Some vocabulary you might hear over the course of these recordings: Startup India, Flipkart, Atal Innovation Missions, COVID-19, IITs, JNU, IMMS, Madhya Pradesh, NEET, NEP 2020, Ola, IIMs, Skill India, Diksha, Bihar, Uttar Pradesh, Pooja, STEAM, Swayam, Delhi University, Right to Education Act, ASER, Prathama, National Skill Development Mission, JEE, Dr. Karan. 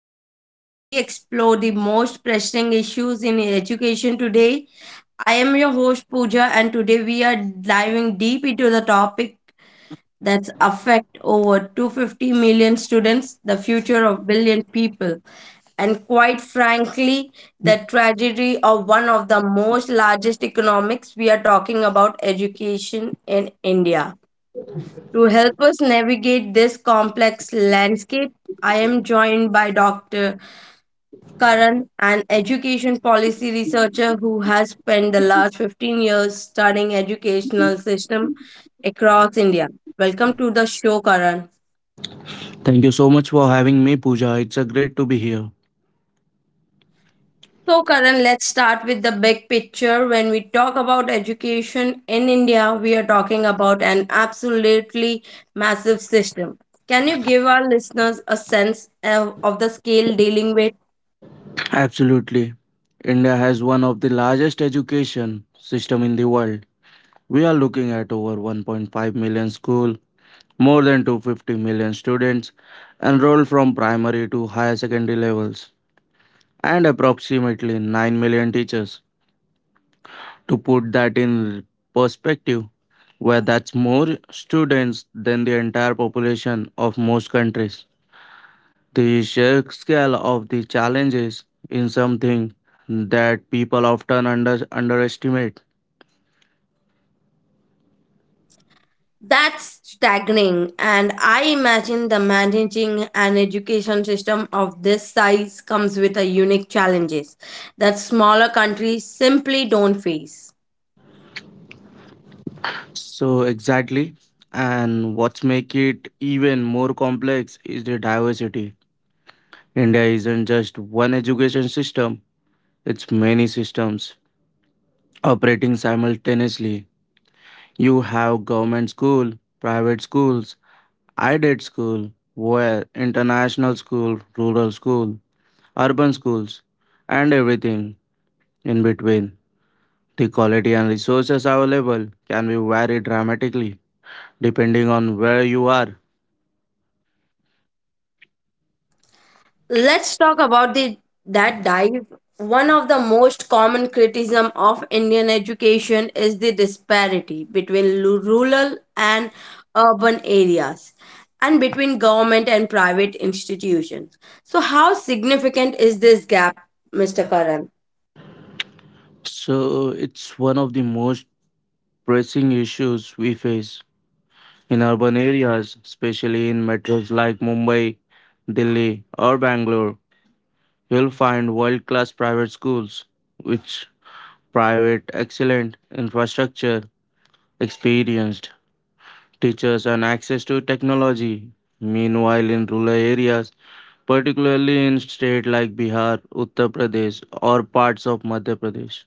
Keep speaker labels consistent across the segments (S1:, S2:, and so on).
S1: podcast where we explore the most pressing issues in education today. I am your host, Pooja, and today we are diving deep into the topic that's affect over 250 million students, the future of billion people, and quite frankly, the tragedy of one of the most largest economics we are talking about education in India. To help us navigate this complex landscape, I am joined by Dr. Karan, an education policy researcher who has spent the last 15 years studying educational system across India. Welcome to the show, Karan.
S2: Thank you so much for having me, Pooja. It's a great to be here.
S1: So, Karan, let's start with the big picture. When we talk about education in India, we are talking about an absolutely massive system. Can you give our listeners a sense of the scale dealing with?
S2: Absolutely. India has one of the largest education system in the world. We are looking at over 1.5 million school, more than 250 million students enrolled from primary to higher secondary levels, and approximately 9 million teachers. To put that in perspective, where that's more students than the entire population of most countries. The sheer scale of the challenges in something that people often underestimate.
S1: That's staggering, and I imagine the managing an education system of this size comes with a unique challenges that smaller countries simply don't face.
S2: So exactly, and what's make it even more complex is the diversity. India isn't just one education system; it's many systems operating simultaneously. You have government school, private schools, aided school, where international school, rural school, urban schools, and everything in between. The quality and resources available can be vary dramatically depending on where you are.
S1: Let's talk about the that dive. One of the most common criticism of Indian education is the disparity between rural and urban areas and between government and private institutions. So how significant is this gap, Mr. Karan?
S2: So, it's one of the most pressing issues we face in urban areas, especially in metros like Mumbai, Delhi, or Bangalore. You'll find world class private schools which private excellent infrastructure, experienced teachers, and access to technology. Meanwhile, in rural areas, particularly in states like Bihar, Uttar Pradesh, or parts of Madhya Pradesh.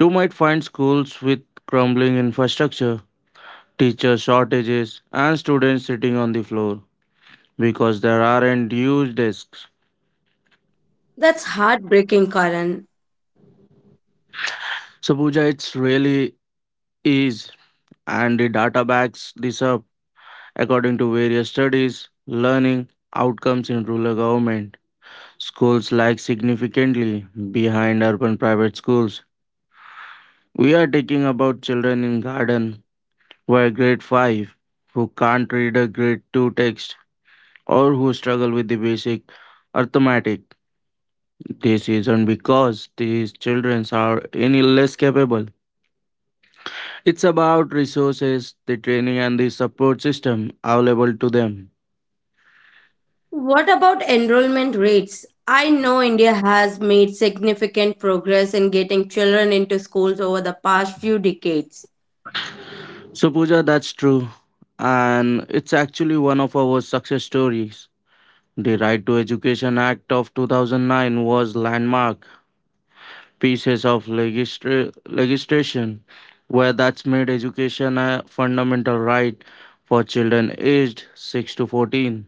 S2: You might find schools with crumbling infrastructure, teacher shortages, and students sitting on the floor because there aren't huge desks.
S1: That's heartbreaking, Karan.
S2: So, Sabuja, it's really is, and the data backs this up. According to various studies, learning outcomes in rural government schools lag significantly behind urban private schools. We are talking about children in garden where grade 5 who can't read a grade 2 text or who struggle with the basic arithmetic. This isn't because these children are any less capable. It's about resources, the training, and the support system available to them.
S1: What about enrollment rates? I know India has made significant progress in getting children into schools over the past few decades.
S2: So, Pooja, that's true. And it's actually one of our success stories. The Right to Education Act of 2009 was landmark pieces of legislation where that's made education a fundamental right for children aged 6 to 14.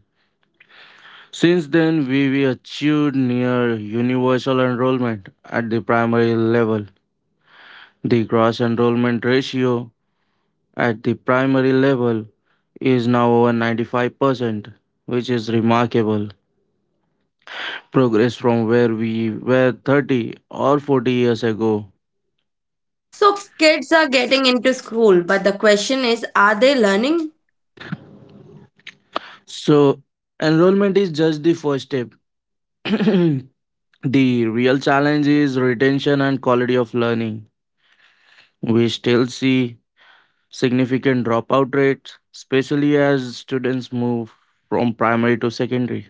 S2: Since then, we achieved near universal enrollment at the primary level. The gross enrollment ratio at the primary level is now over 95%, which is remarkable progress from where we were 30 or 40 years ago.
S1: So, kids are getting into school, but the question is, are they learning?
S2: So, enrollment is just the first step. The real challenge is retention and quality of learning. We still see significant dropout rates, especially as students move from primary to secondary.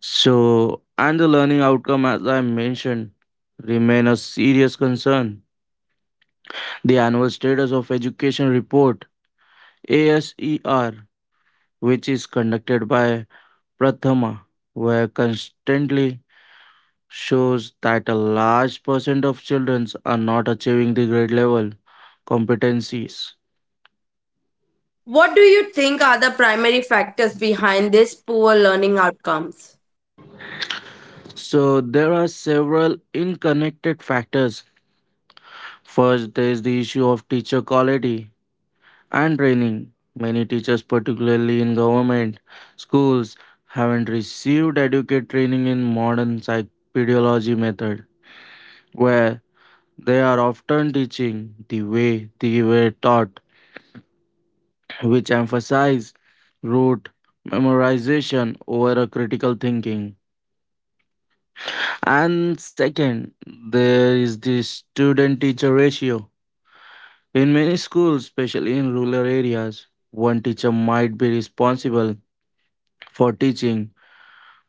S2: So, and the learning outcome, as I mentioned, remain a serious concern. The annual status of education report (ASER), which is conducted by Prathama, were constantly shows that a large percent of children are not achieving the grade level competencies.
S1: What do you think are the primary factors behind these poor learning outcomes?
S2: So there are several interconnected factors. First, there is the issue of teacher quality and training. Many teachers, particularly in government schools, haven't received adequate training in modern psychology method, where they are often teaching the way they were taught which emphasize rote memorization over a critical thinking. And second, there is the student teacher ratio. In many schools, especially in rural areas, one teacher might be responsible for teaching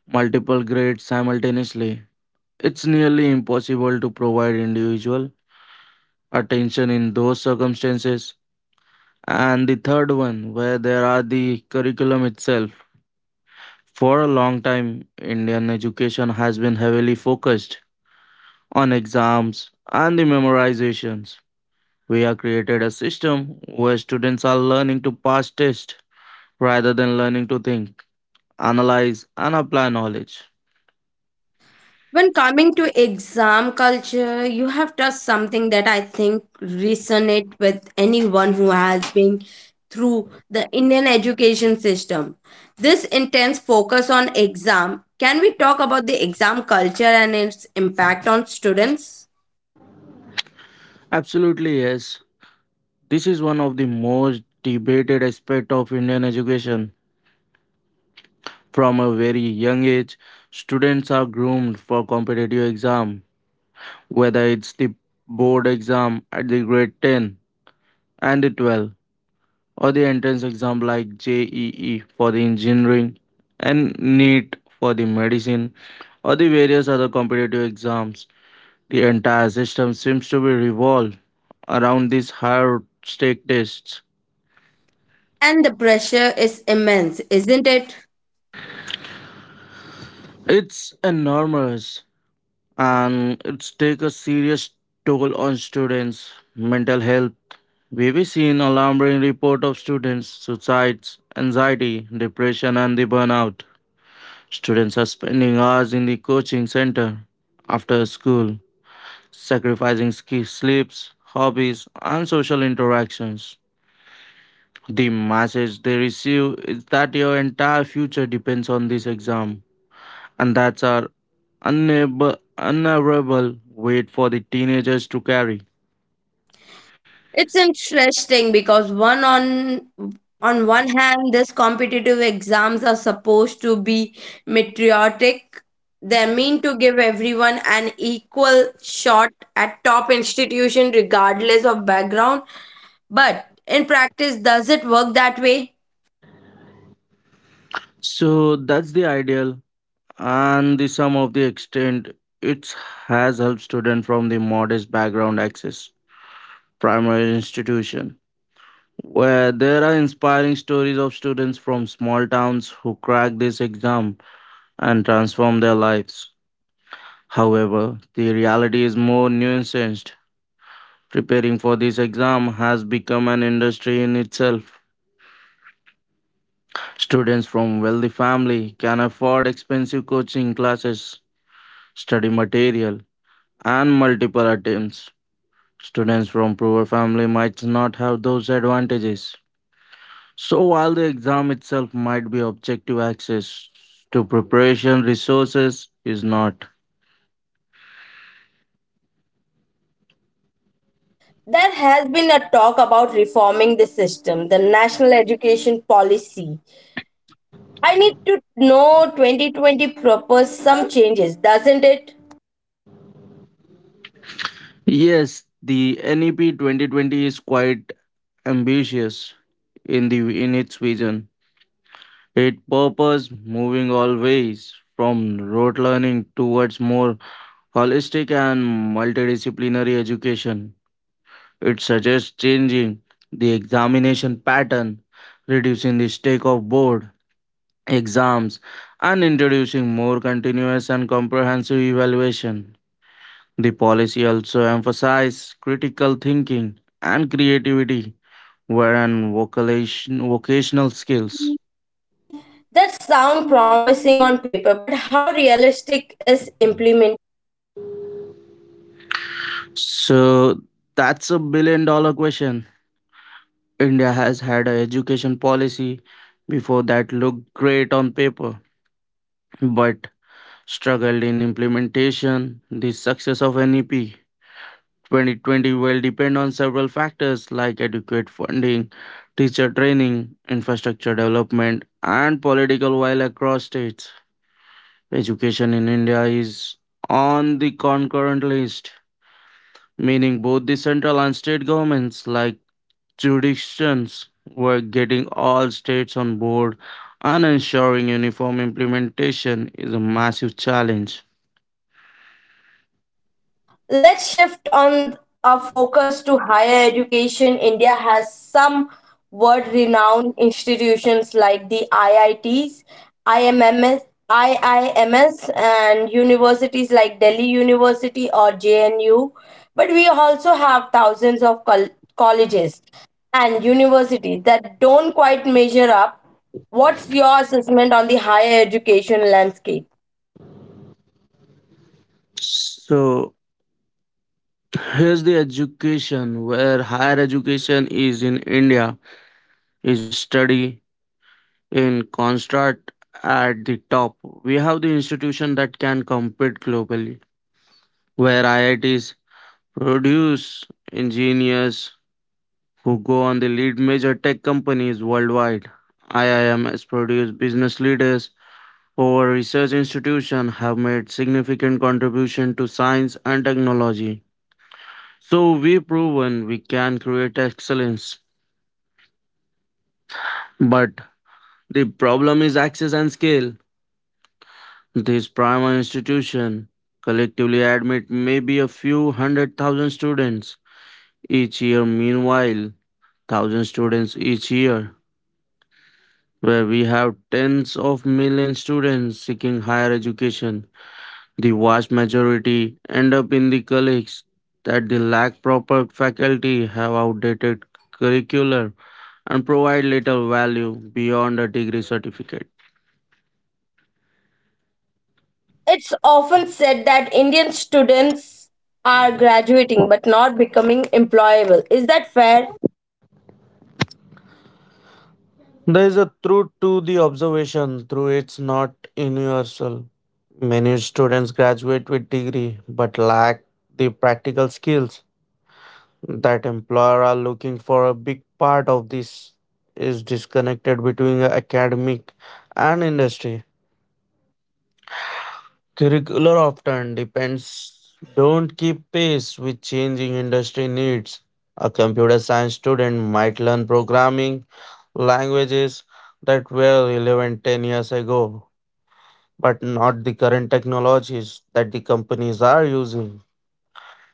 S2: multiple grades simultaneously. It's nearly impossible to provide individual attention in those circumstances. And the third one, where there are the curriculum itself. For a long time, Indian education has been heavily focused on exams and the memorizations. We have created a system where students are learning to pass tests rather than learning to think, analyze, and apply knowledge.
S1: When coming to exam culture, you have touched something that I think resonate with anyone who has been through the Indian education system. This intense focus on exam. Can we talk about the exam culture and its impact on students?
S2: Absolutely, yes. This is one of the most debated aspects of Indian education. From a very young age, students are groomed for competitive exam, whether it's the board exam at the grade 10 and the 12 or the entrance exam like JEE for the engineering and NEET for the medicine or the various other competitive exams. The entire system seems to be revolved around these higher stake tests.
S1: And the pressure is immense, isn't it?
S2: It's enormous and it's take a serious toll on students' mental health. We've seen alarming report of students' suicides, anxiety, depression and the burnout. Students are spending hours in the coaching center after school, sacrificing sleeps, hobbies, and social interactions. The message they receive is that your entire future depends on this exam, and that's our unavoidable weight for the teenagers to carry.
S1: It's interesting because one on one hand these competitive exams are supposed to be meteoric. They're meant to give everyone an equal shot at top institution regardless of background. But in practice, does it work that way?
S2: So that's the ideal, and the sum of the extent it has helped students from the modest background access primary institution where there are inspiring stories of students from small towns who crack this exam and transform their lives. However, the reality is more nuanced. Preparing for this exam has become an industry in itself. Students from wealthy family can afford expensive coaching classes, study material, and multiple attempts. Students from poor family might not have those advantages. So, while the exam itself might be objective, access to preparation resources is not.
S1: There has been a talk about reforming the system, the national education policy. I need to know, 2020 propose some changes, doesn't it?
S2: Yes, the NEP 2020 is quite ambitious in its vision. It purpose moving always from rote learning towards more holistic and multidisciplinary education. It suggests changing the examination pattern, reducing the stake of board exams, and introducing more continuous and comprehensive evaluation. The policy also emphasized critical thinking and creativity, wherein vocational skills.
S1: That sound promising on paper, but how realistic is implementation?
S2: So that's a billion dollar question. India has had an education policy before that looked great on paper, but struggled in implementation. The success of NEP 2020 will depend on several factors like adequate funding, teacher training, infrastructure development, and political will across states. Education in India is on the concurrent list, meaning both the central and state governments, like jurisdictions, were getting all states on board and ensuring uniform implementation is a massive challenge.
S1: Let's shift on our focus to higher education. India has some world renowned institutions like the IITs, IMMS, IIMS, and universities like Delhi University or JNU. But we also have thousands of colleges and universities that don't quite measure up. What's your assessment on the higher education landscape?
S2: So here's the education where higher education is in India. Is a study in construct at the top. We have the institution that can compete globally, where IITs produce engineers who go on to lead major tech companies worldwide. IIMs produce business leaders who our research institution have made significant contribution to science and technology. So we've proven we can create excellence. But the problem is access and scale. This primary institution collectively admit maybe a few hundred thousand students each year. Meanwhile, thousand students each year, where we have tens of million students seeking higher education. The vast majority end up in the colleges that they lack proper faculty, have outdated curricular, and provide little value beyond a degree certificate.
S1: It's often said that Indian students are graduating but not becoming employable. Is that fair?
S2: There is a truth to the observation through it's not universal. Many students graduate with degree but lack the practical skills that employer are looking for. A big part of this is disconnected between the academic and industry. Curricular often depends don't keep pace with changing industry needs. A computer science student might learn programming languages that were relevant 10 years ago but not the current technologies that the companies are using.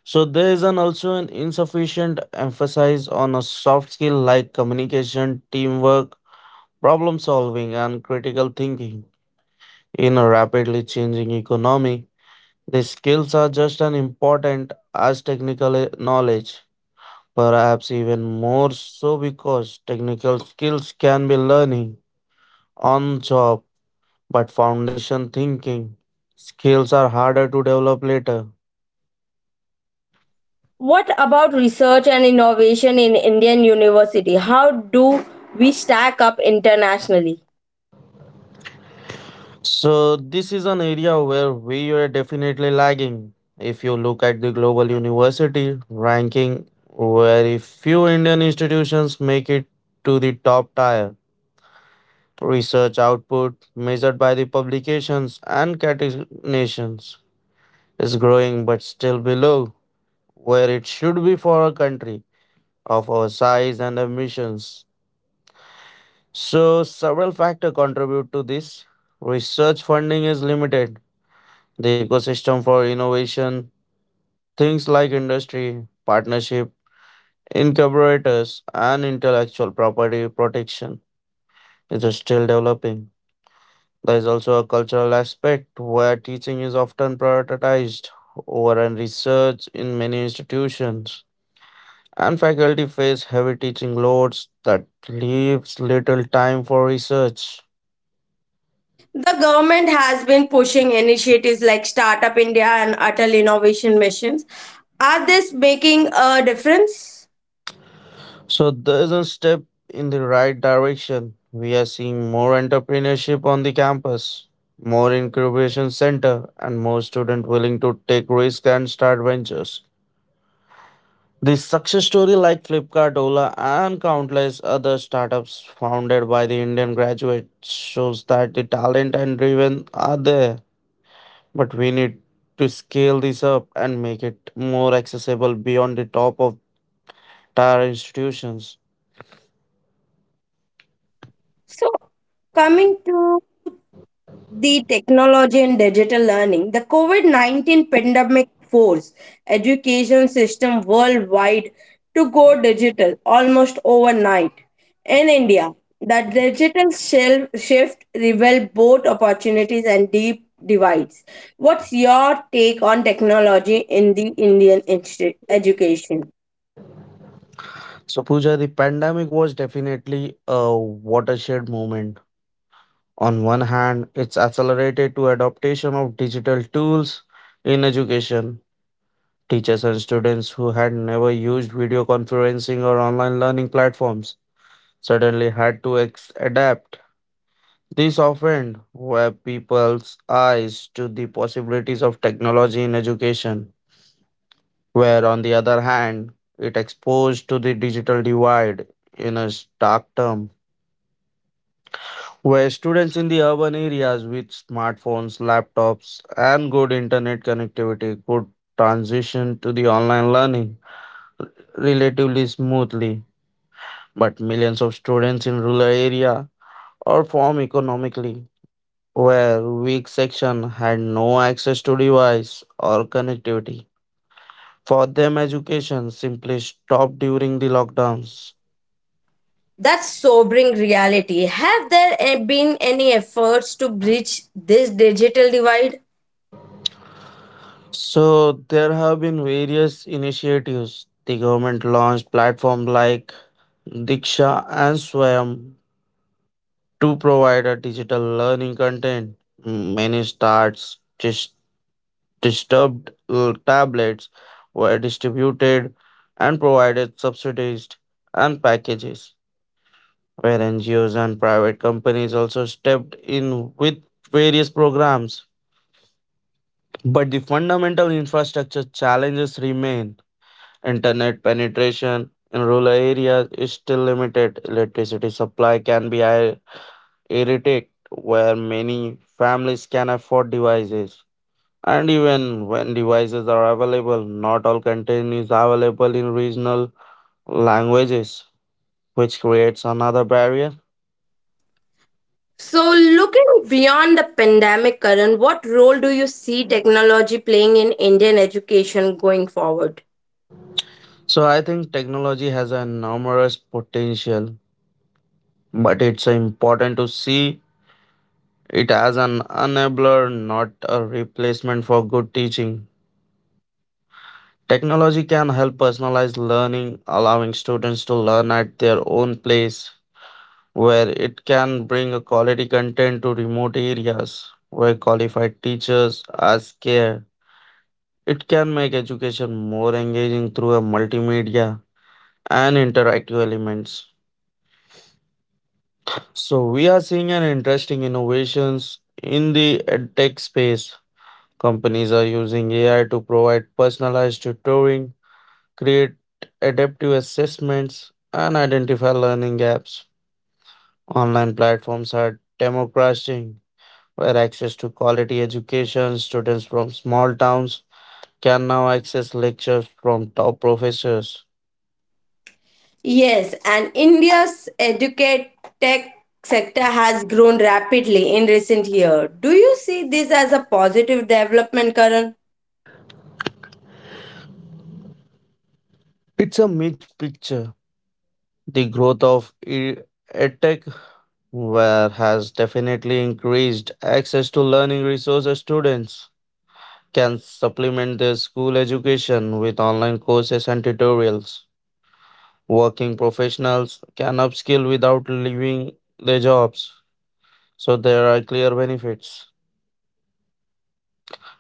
S2: So there is an also an insufficient emphasis on a soft skill like communication, teamwork, problem solving, and critical thinking. In a rapidly changing economy, these skills are just as important as technical knowledge, perhaps even more so because technical skills can be learning on job, but foundation thinking skills are harder to develop later.
S1: What about research and innovation in Indian university? How do we stack up internationally?
S2: So, this is an area where we are definitely lagging. If you look at the global university ranking, very few Indian institutions make it to the top tier. Research output measured by the publications and categorizations is growing but still below where it should be for a country of our size and ambitions. So, several factors contribute to this. Research funding is limited the ecosystem for innovation, things like industry, partnership, incubators, and intellectual property protection is still developing. There is also a cultural aspect where teaching is often prioritized over an research in many institutions, and faculty face heavy teaching loads that leaves little time for research.
S1: The government has been pushing initiatives like Startup India and Atal Innovation Missions. Are this making a difference?
S2: So there's a step in the right direction. We are seeing more entrepreneurship on the campus, more incubation center, and more students willing to take risk and start ventures. The success story like Flipkart, Ola, and countless other startups founded by the Indian graduates shows that the talent and driven are there. But we need to scale this up and make it more accessible beyond the top of tier institutions.
S1: So, coming to the technology and digital learning, the covid-19 pandemic forced education system worldwide to go digital almost overnight in India. The digital shift revealed both opportunities and deep divides. What's your take on technology in the Indian education?
S2: So, Pooja, the pandemic was definitely a watershed moment. On one hand, it's accelerated to adoption of digital tools in education. Teachers and students who had never used video conferencing or online learning platforms suddenly had to adapt. This opened web people's eyes to the possibilities of technology in education, where on the other hand, it exposed to the digital divide in a stark term. Where students in the urban areas with smartphones, laptops, and good internet connectivity could transition to the online learning relatively smoothly. But millions of students in rural area or form economically where weak section had no access to device or connectivity. For them, education simply stopped during the lockdowns.
S1: That's sobering reality. Have there been any efforts to bridge this digital divide?
S2: So there have been various initiatives. The government launched platform like Diksha and Swayam to provide a digital learning content. Many disturbed tablets were distributed and provided subsidized and packages, where NGOs and private companies also stepped in with various programs. But the fundamental infrastructure challenges remain. Internet penetration in rural areas is still limited. Electricity supply can be irritate where many families can afford devices. And even when devices are available, not all content is available in regional languages, which creates another barrier.
S1: So, looking beyond the pandemic, Karan, what role do you see technology playing in Indian education going forward?
S2: So I think technology has a enormous potential, but it's important to see it as an enabler, not a replacement for good teaching. Technology can help personalize learning, allowing students to learn at their own pace where it can bring a quality content to remote areas where qualified teachers are scarce. It can make education more engaging through a multimedia and interactive elements. So we are seeing an interesting innovations in the edtech space. Companies are using AI to provide personalized tutoring, create adaptive assessments, and identify learning gaps. Online platforms are democratizing where access to quality education, students from small towns can now access lectures from top professors.
S1: Yes, and India's educate tech sector has grown rapidly in recent years. Do you see this as a positive development, Karan?
S2: It's a mixed picture. The growth of edtech where has definitely increased access to learning resources. Students can supplement their school education with online courses and tutorials. Working professionals can upskill without leaving their jobs, so there are clear benefits.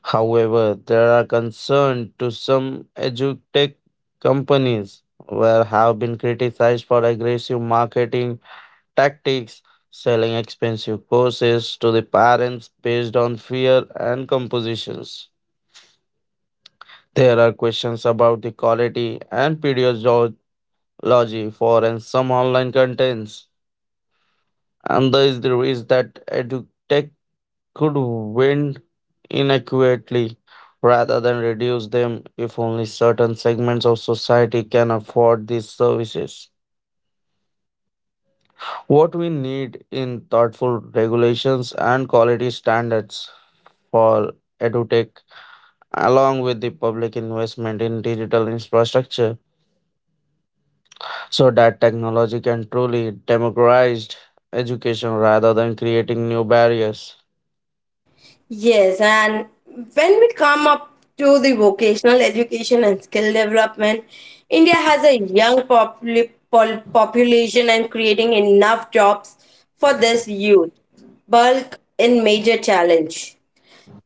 S2: However, there are concerns to some edutech companies where have been criticized for aggressive marketing tactics, selling expensive courses to the parents based on fear and compositions. There are questions about the quality and pedagogy for and some online contents, and there is the risk that edutech could wind inadequately rather than reduce them if only certain segments of society can afford these services. What we need in thoughtful regulations and quality standards for edutech, along with the public investment in digital infrastructure, so that technology can truly democratize education rather than creating new barriers.
S1: Yes, and when we come up to the vocational education and skill development, India has a young population and creating enough jobs for this youth. Bulk in major challenge.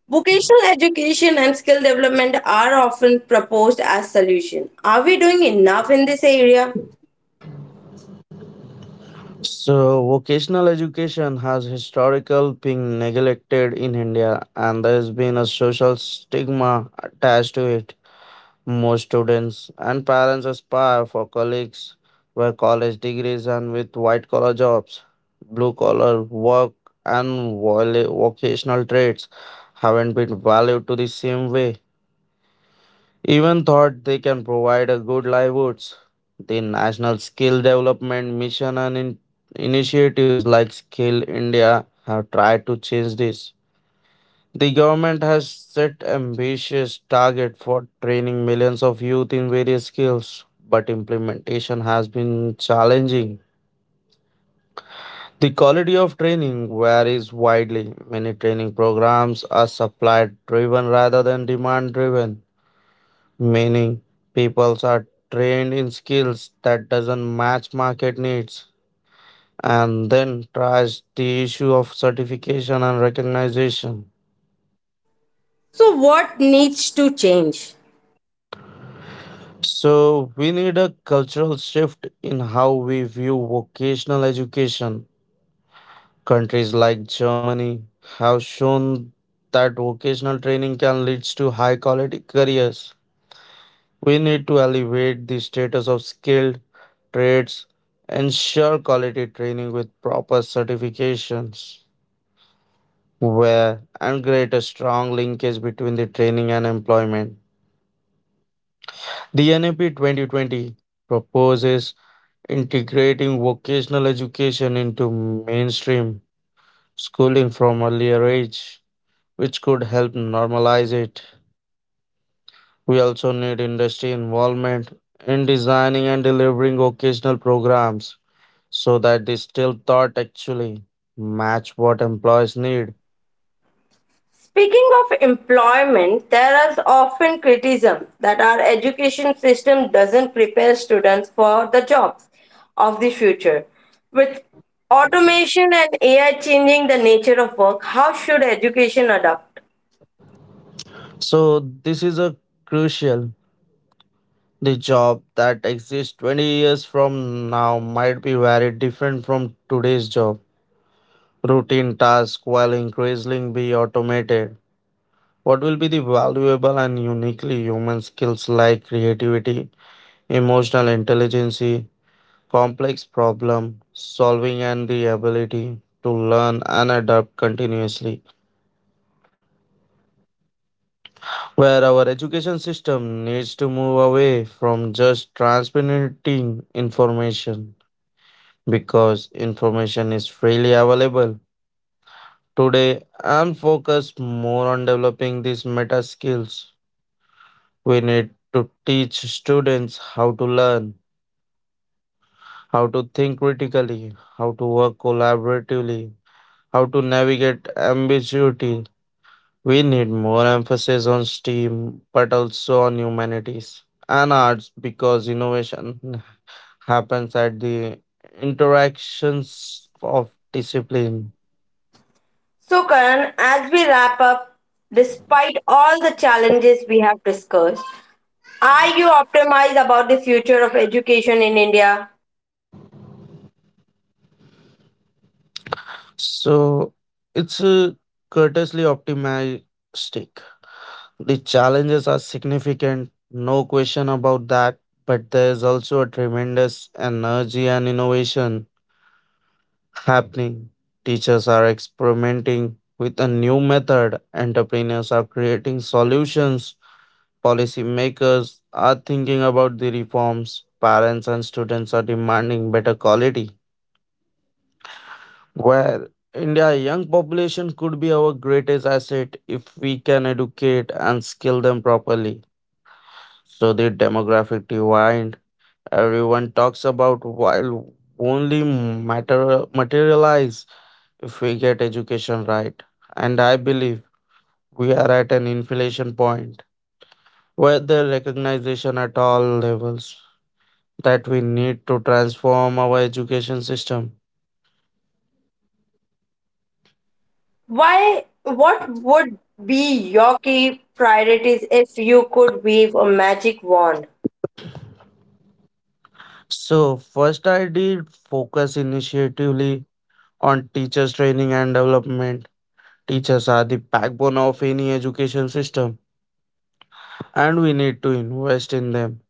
S1: Vocational education and skill development are often proposed as solution. Are we doing enough in this area?
S2: So, vocational education has historically been neglected in India, and there has been a social stigma attached to it. Most students and parents aspire for colleagues with college degrees and with white collar jobs. Blue collar work and vocational trades haven't been valued to the same way even thought they can provide a good livelihoods. The National Skill Development Mission and initiatives like Skill India have tried to change this. The government has set ambitious target for training millions of youth in various skills, but implementation has been challenging. The quality of training varies widely. Many training programs are supply driven rather than demand driven, meaning peoples are trained in skills that doesn't match market needs, and then tries the issue of certification and recognition.
S1: So what needs to change?
S2: So we need a cultural shift in how we view vocational education. Countries like Germany have shown that vocational training can lead to high quality careers. We need to elevate the status of skilled trades, ensure quality training with proper certifications, where and create a strong linkage between the training and employment. The NAP 2020 proposes integrating vocational education into mainstream schooling from earlier age, which could help normalize it. We also need industry involvement in designing and delivering vocational programs so that the still thought actually match what employees need.
S1: Speaking of employment, there is often criticism that our education system doesn't prepare students for the jobs of the future. With automation and AI changing the nature of work, how should education adapt?
S2: So this is a crucial. The job that exists 20 years from now might be very different from today's job. Routine tasks will increasingly be automated. What will be the valuable and uniquely human skills like creativity, emotional intelligence, complex problem solving, and the ability to learn and adapt continuously? Where our education system needs to move away from just transmitting information, because information is freely available today, and focus more on developing these meta skills. We need to teach students how to learn, how to think critically, how to work collaboratively, how to navigate ambiguity. We need more emphasis on STEAM, but also on humanities and arts because innovation happens at the interactions of discipline.
S1: So, Karan, as we wrap up, despite all the challenges we have discussed, are you optimistic about the future of education in India?
S2: So it's courteously optimistic. The challenges are significant, no question about that, but there is also a tremendous energy and innovation happening. Teachers are experimenting with a new method, entrepreneurs are creating solutions, policymakers are thinking about the reforms, parents and students are demanding better quality. Where India young population could be our greatest asset if we can educate and skill them properly. So the demographic divide everyone talks about while only matter materialize if we get education right. And I believe we are at an inflection point where the recognition at all levels that we need to transform our education system.
S1: Why, what would be your key priorities if you could wave a magic wand?
S2: So, first, I did focus initiatively on teachers' training and development. Teachers are the backbone of any education system, and we need to invest in them.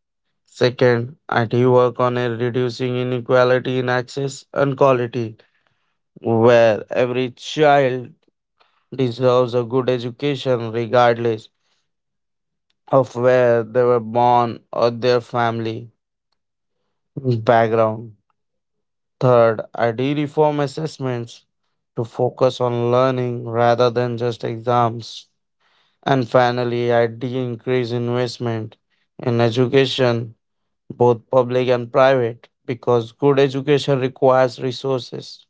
S2: Second, I do work on a reducing inequality in access and quality where every child deserves a good education regardless of where they were born or their family background. Third, ID reform assessments to focus on learning rather than just exams. And finally, ID increase investment in education, both public and private, because good education requires resources.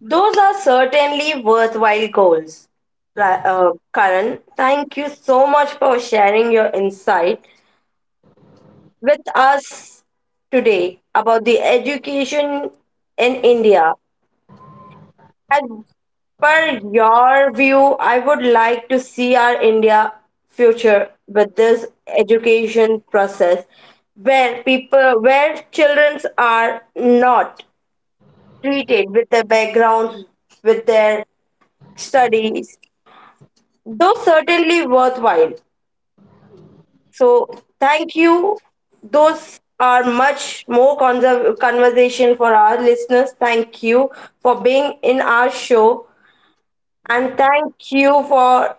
S1: Those are certainly worthwhile goals. Karan, thank you so much for sharing your insight with us today about the education in India. And per your view, I would like to see our India future with this education process where people, where children are not treated with their background, with their studies, though certainly worthwhile. So thank you. Those are much more conversation for our listeners. Thank you for being in our show and thank you for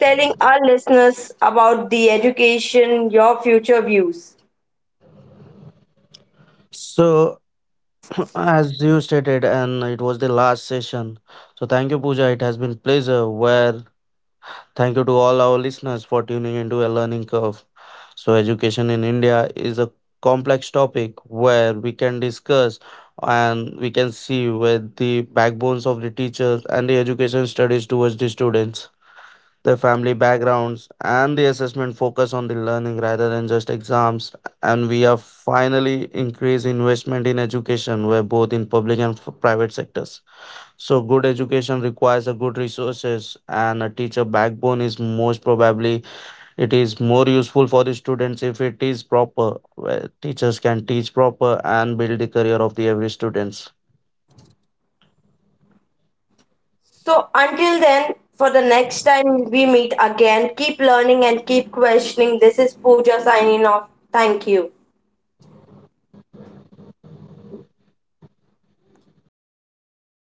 S1: telling our listeners about the education, your future views.
S2: So, as you stated, and it was the last session. So, thank you, Pooja. It has been pleasure where thank you to all our listeners for tuning into a learning curve. So, education in India is a complex topic where we can discuss and we can see with the backbones of the teachers and the education studies towards the students, their family backgrounds, and the assessment focus on the learning rather than just exams. And we have finally increased investment in education, where both in public and private sectors. So good education requires a good resources, and a teacher backbone is most probably it is more useful for the students if it is proper where teachers can teach proper and build the career of the every students.
S1: So, until then, for the next time we meet again, keep learning and keep questioning. This is Pooja signing off. Thank you.